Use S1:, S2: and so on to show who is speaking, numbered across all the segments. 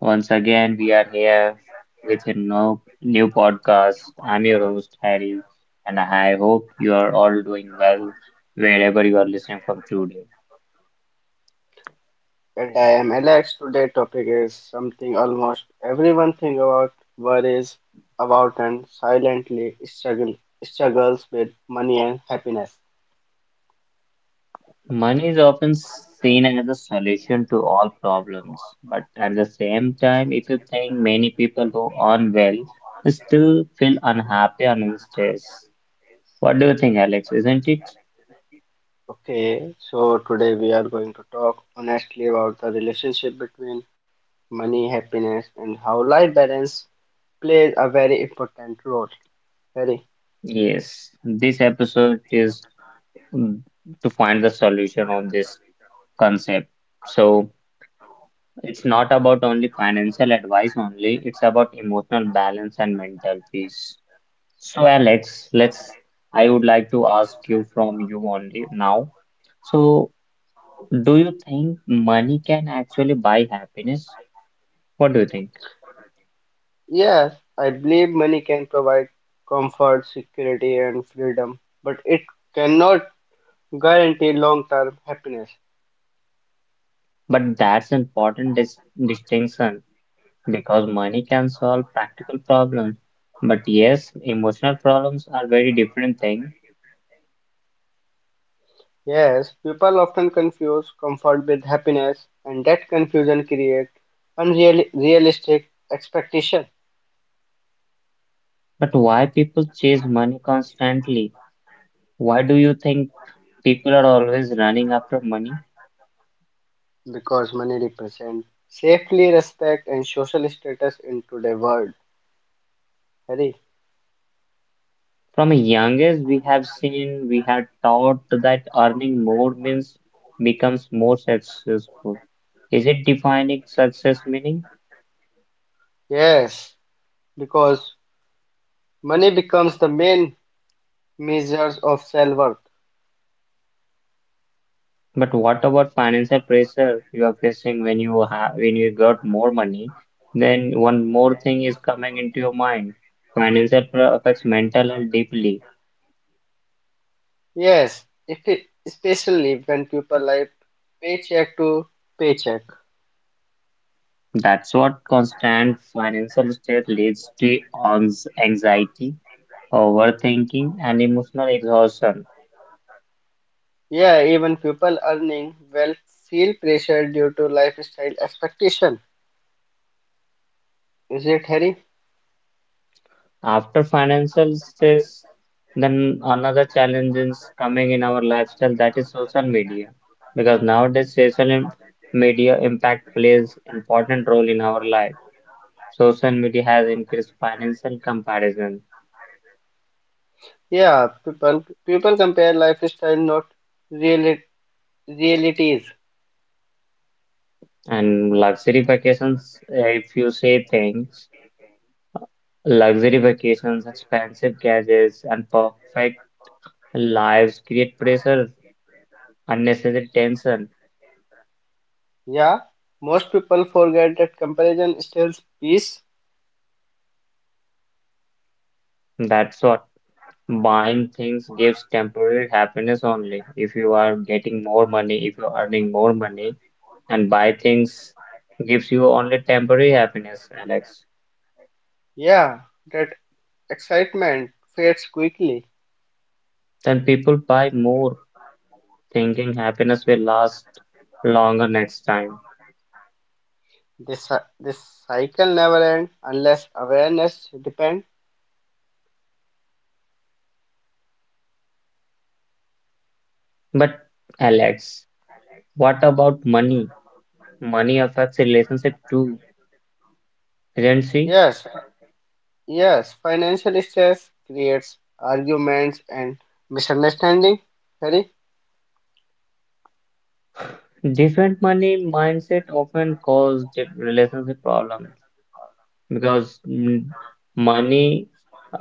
S1: Once again, we are here with a no, new podcast. I'm your host, Harry, and I hope you are all doing well wherever you are listening from today.
S2: And I am Alex. Today's topic is something almost everyone think about, worries about and silently struggles with money and happiness.
S1: Money is often seen as a solution to all problems, but at the same time, if you think, many people who earn well still feel unhappy and unstressed. What do you think, Alex? Isn't it?
S2: Okay, so today we are going to talk honestly about the relationship between money, happiness and how life balance plays a very important role. Very.
S1: Yes, this episode is mm, to find the solution on this concept. So it's not about only financial advice only, it's about emotional balance and mental peace. So Alex, let's I would like to ask you from you only now. So do you think money can actually buy happiness? What do you think?
S2: Yes, I believe money can provide comfort, security and freedom, but it cannot guarantee long-term happiness.
S1: But that's important distinction, because money can solve practical problems. But yes, emotional problems are very different thing.
S2: Yes, people often confuse comfort with happiness, and that confusion creates unrealistic expectation
S1: But why people chase money constantly? Why do you think people are always running after money?
S2: because money represents safety, respect, and social status in today's world. Harry,
S1: From a young age, we have seen, we had taught that earning more means becomes more successful. Is it defining success meaning?
S2: yes, because money becomes the main measures of self worth.
S1: But what about financial pressure you are facing when you have when you got more money? Then one more thing is coming into your mind. Financial pressure affects mental health deeply.
S2: Yes, if it, especially when people live paycheck to paycheck.
S1: That's what constant financial stress leads to anxiety, overthinking, and emotional exhaustion.
S2: Yeah, even people earning well feel pressure due to lifestyle expectation. Is it, Harry?
S1: After financial stress, then another challenge is coming in our lifestyle, that is social media. Because nowadays, media impact plays important role in our life. Social media has increased financial comparison
S2: Yeah, people compare lifestyle, not reali realities.
S1: and luxury vacations. If you say things, luxury vacations, expensive gadgets, and perfect lives create pressure, unnecessary tension.
S2: Yeah, most people forget that comparison steals peace.
S1: That's what. Buying things gives temporary happiness only. If you are getting more money, if you're earning more money, and buy things gives you only temporary happiness, Alex.
S2: Yeah, that excitement fades quickly.
S1: Then people buy more, thinking happiness will last longer next time.
S2: This cycle never ends unless awareness depends.
S1: But, Alex, what about money? Money affects relationship too, isn't she?
S2: Yes, yes, financial stress creates arguments and misunderstanding. Harry?
S1: Different money mindset often cause relationship problems. Because money,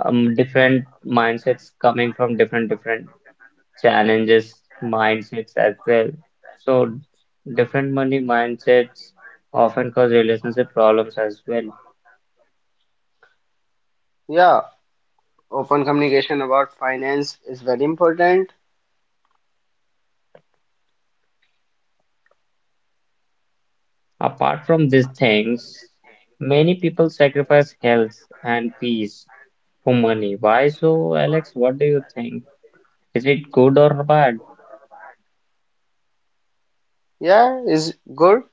S1: different mindsets coming from different different challenges, mindsets as well. So different money mindsets often cause relationship problems as well.
S2: Yeah, open communication about finance is very important.
S1: Apart from these things, many people sacrifice health and peace for money. Why so, Alex? What do you think? Is it good or bad?
S2: Yeah, is good,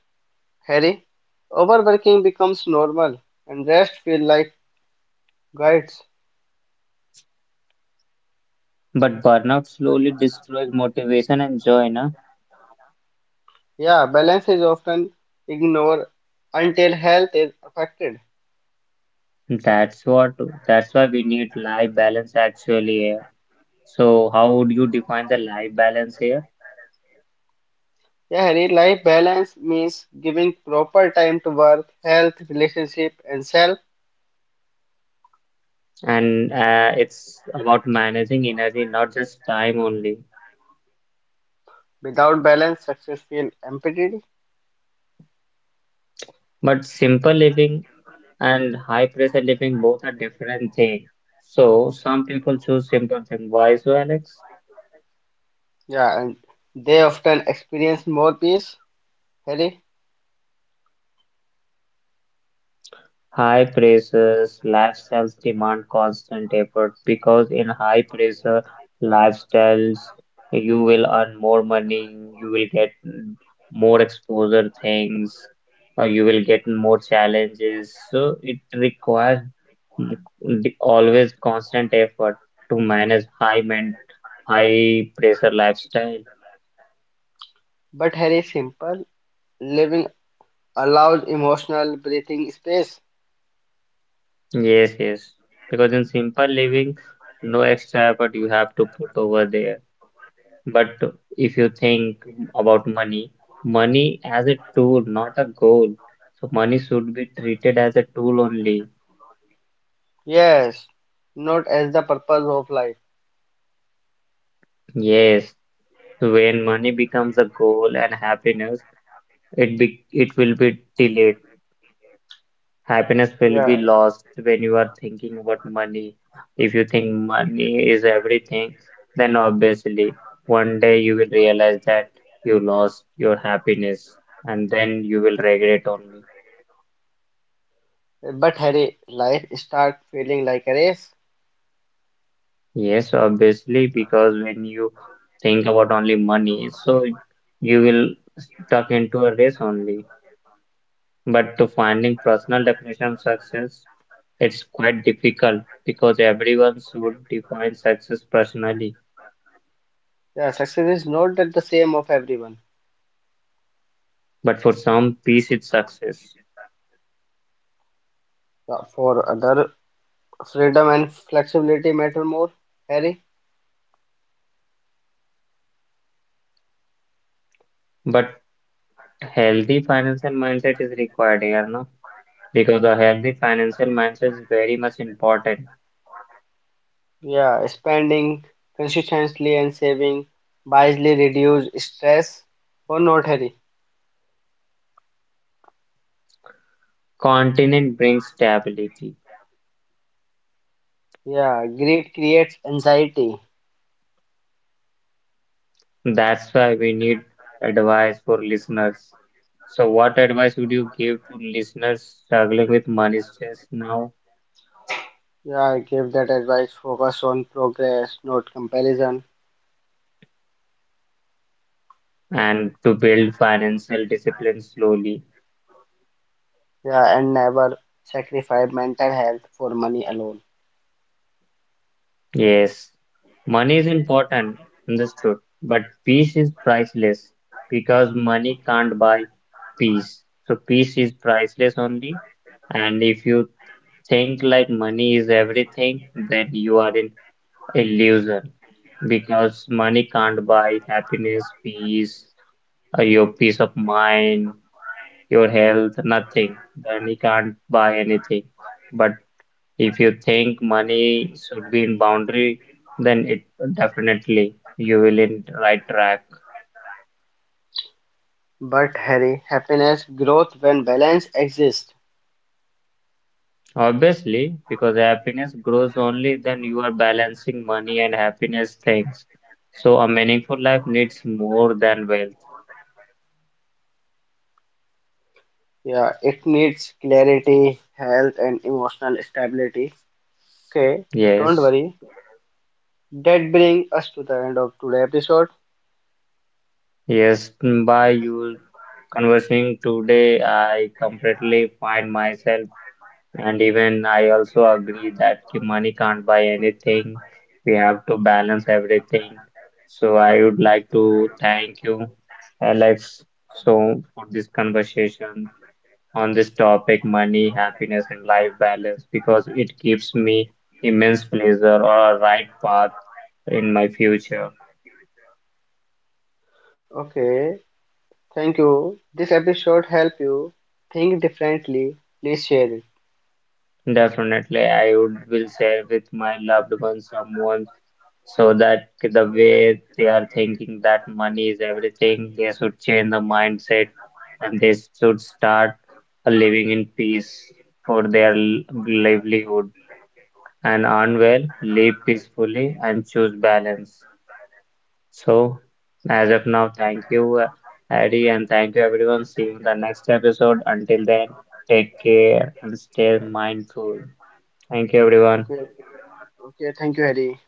S2: Harry. Overworking becomes normal and rest feel like guides.
S1: But burnout slowly destroys motivation and joy, na?
S2: Yeah, balance is often ignored until health is affected.
S1: That's what that's why we need life balance actually here. So how would you define the life balance here?
S2: Yeah, Harry, life balance means giving proper time to work, health, relationship, and self.
S1: And it's about managing energy, not just time only,
S2: Without balance, success feels empty.
S1: but simple living and high pressure living both are different thing. So some people choose simple thing. Why so, Alex?
S2: Yeah, and they often experience more peace, Harry.
S1: High pressures lifestyles demand constant effort, because in high pressure lifestyles, you will earn more money, you will get more exposure things, or you will get more challenges. So it requires mm, always constant effort to manage high pressure lifestyle.
S2: But Harry, simple living allows emotional breathing space.
S1: Yes, yes. Because in simple living, no extra effort you have to put over there. But if you think about money, money as a tool, not a goal. So money should be treated as a tool only.
S2: Yes, not as the purpose of life.
S1: Yes. So, when money becomes a goal and happiness, it will be delayed. Happiness will be
S2: Yeah.
S1: lost when you are thinking about money. If you think money is everything, then obviously one day you will realize that you lost your happiness and then you will regret only.
S2: But Harry, life start feeling like a race.
S1: Yes, obviously, because when you think about only money, so you will stuck into a race only. But to finding personal definition of success, it's quite difficult because everyone should define success personally.
S2: Yeah, success is not that the same of everyone.
S1: But for some, peace is success.
S2: Yeah, for other, freedom and flexibility matter more, Harry.
S1: But healthy financial mindset is required here, no? Because a healthy financial mindset is very much important.
S2: Yeah, spending consistently and saving wisely reduce stress or not, Harry.
S1: Continent brings stability.
S2: Yeah, greed creates anxiety.
S1: That's why we need advice for listeners. So, what advice would you give to listeners struggling with money stress now
S2: Yeah, I give that advice. Focus on progress, not comparison.
S1: and to build financial discipline slowly?
S2: Yeah, and never sacrifice mental health for money alone.
S1: Yes, money is important, understood, but peace is priceless because money can't buy peace. So, peace is priceless only. And if you think like money is everything, then you are in illusion. Because money can't buy happiness, peace, your peace of mind, your health, nothing. Money can't buy anything. But if you think money should be in boundary, then it definitely you will in right track.
S2: But Harry, happiness growth when balance exists.
S1: Obviously, because happiness grows only then you are balancing money and happiness things. So a meaningful life needs more than wealth.
S2: Yeah, it needs clarity, health, and emotional stability. Okay, don't
S1: Yes,
S2: worry. That brings us to the end of today's episode.
S1: yes, by you conversing today, I completely find myself, and even I also agree that money can't buy anything. We have to balance everything. So I would like to thank you, Alex, so for this conversation on this topic, money, happiness, and life balance, because it gives me immense pleasure or a right path in my future.
S2: Okay, thank you. This episode help you think differently. Please share it.
S1: Definitely, I would will share with my loved ones someone so that the way they are thinking that money is everything, they should change the mindset and they should start living in peace for their livelihood and earn well, live peacefully, and choose balance. So, as of now, thank you, Harry, and thank you, everyone. See you in the next episode. Until then, take care and stay mindful. Thank you, everyone.
S2: Okay, okay. Thank you, Harry.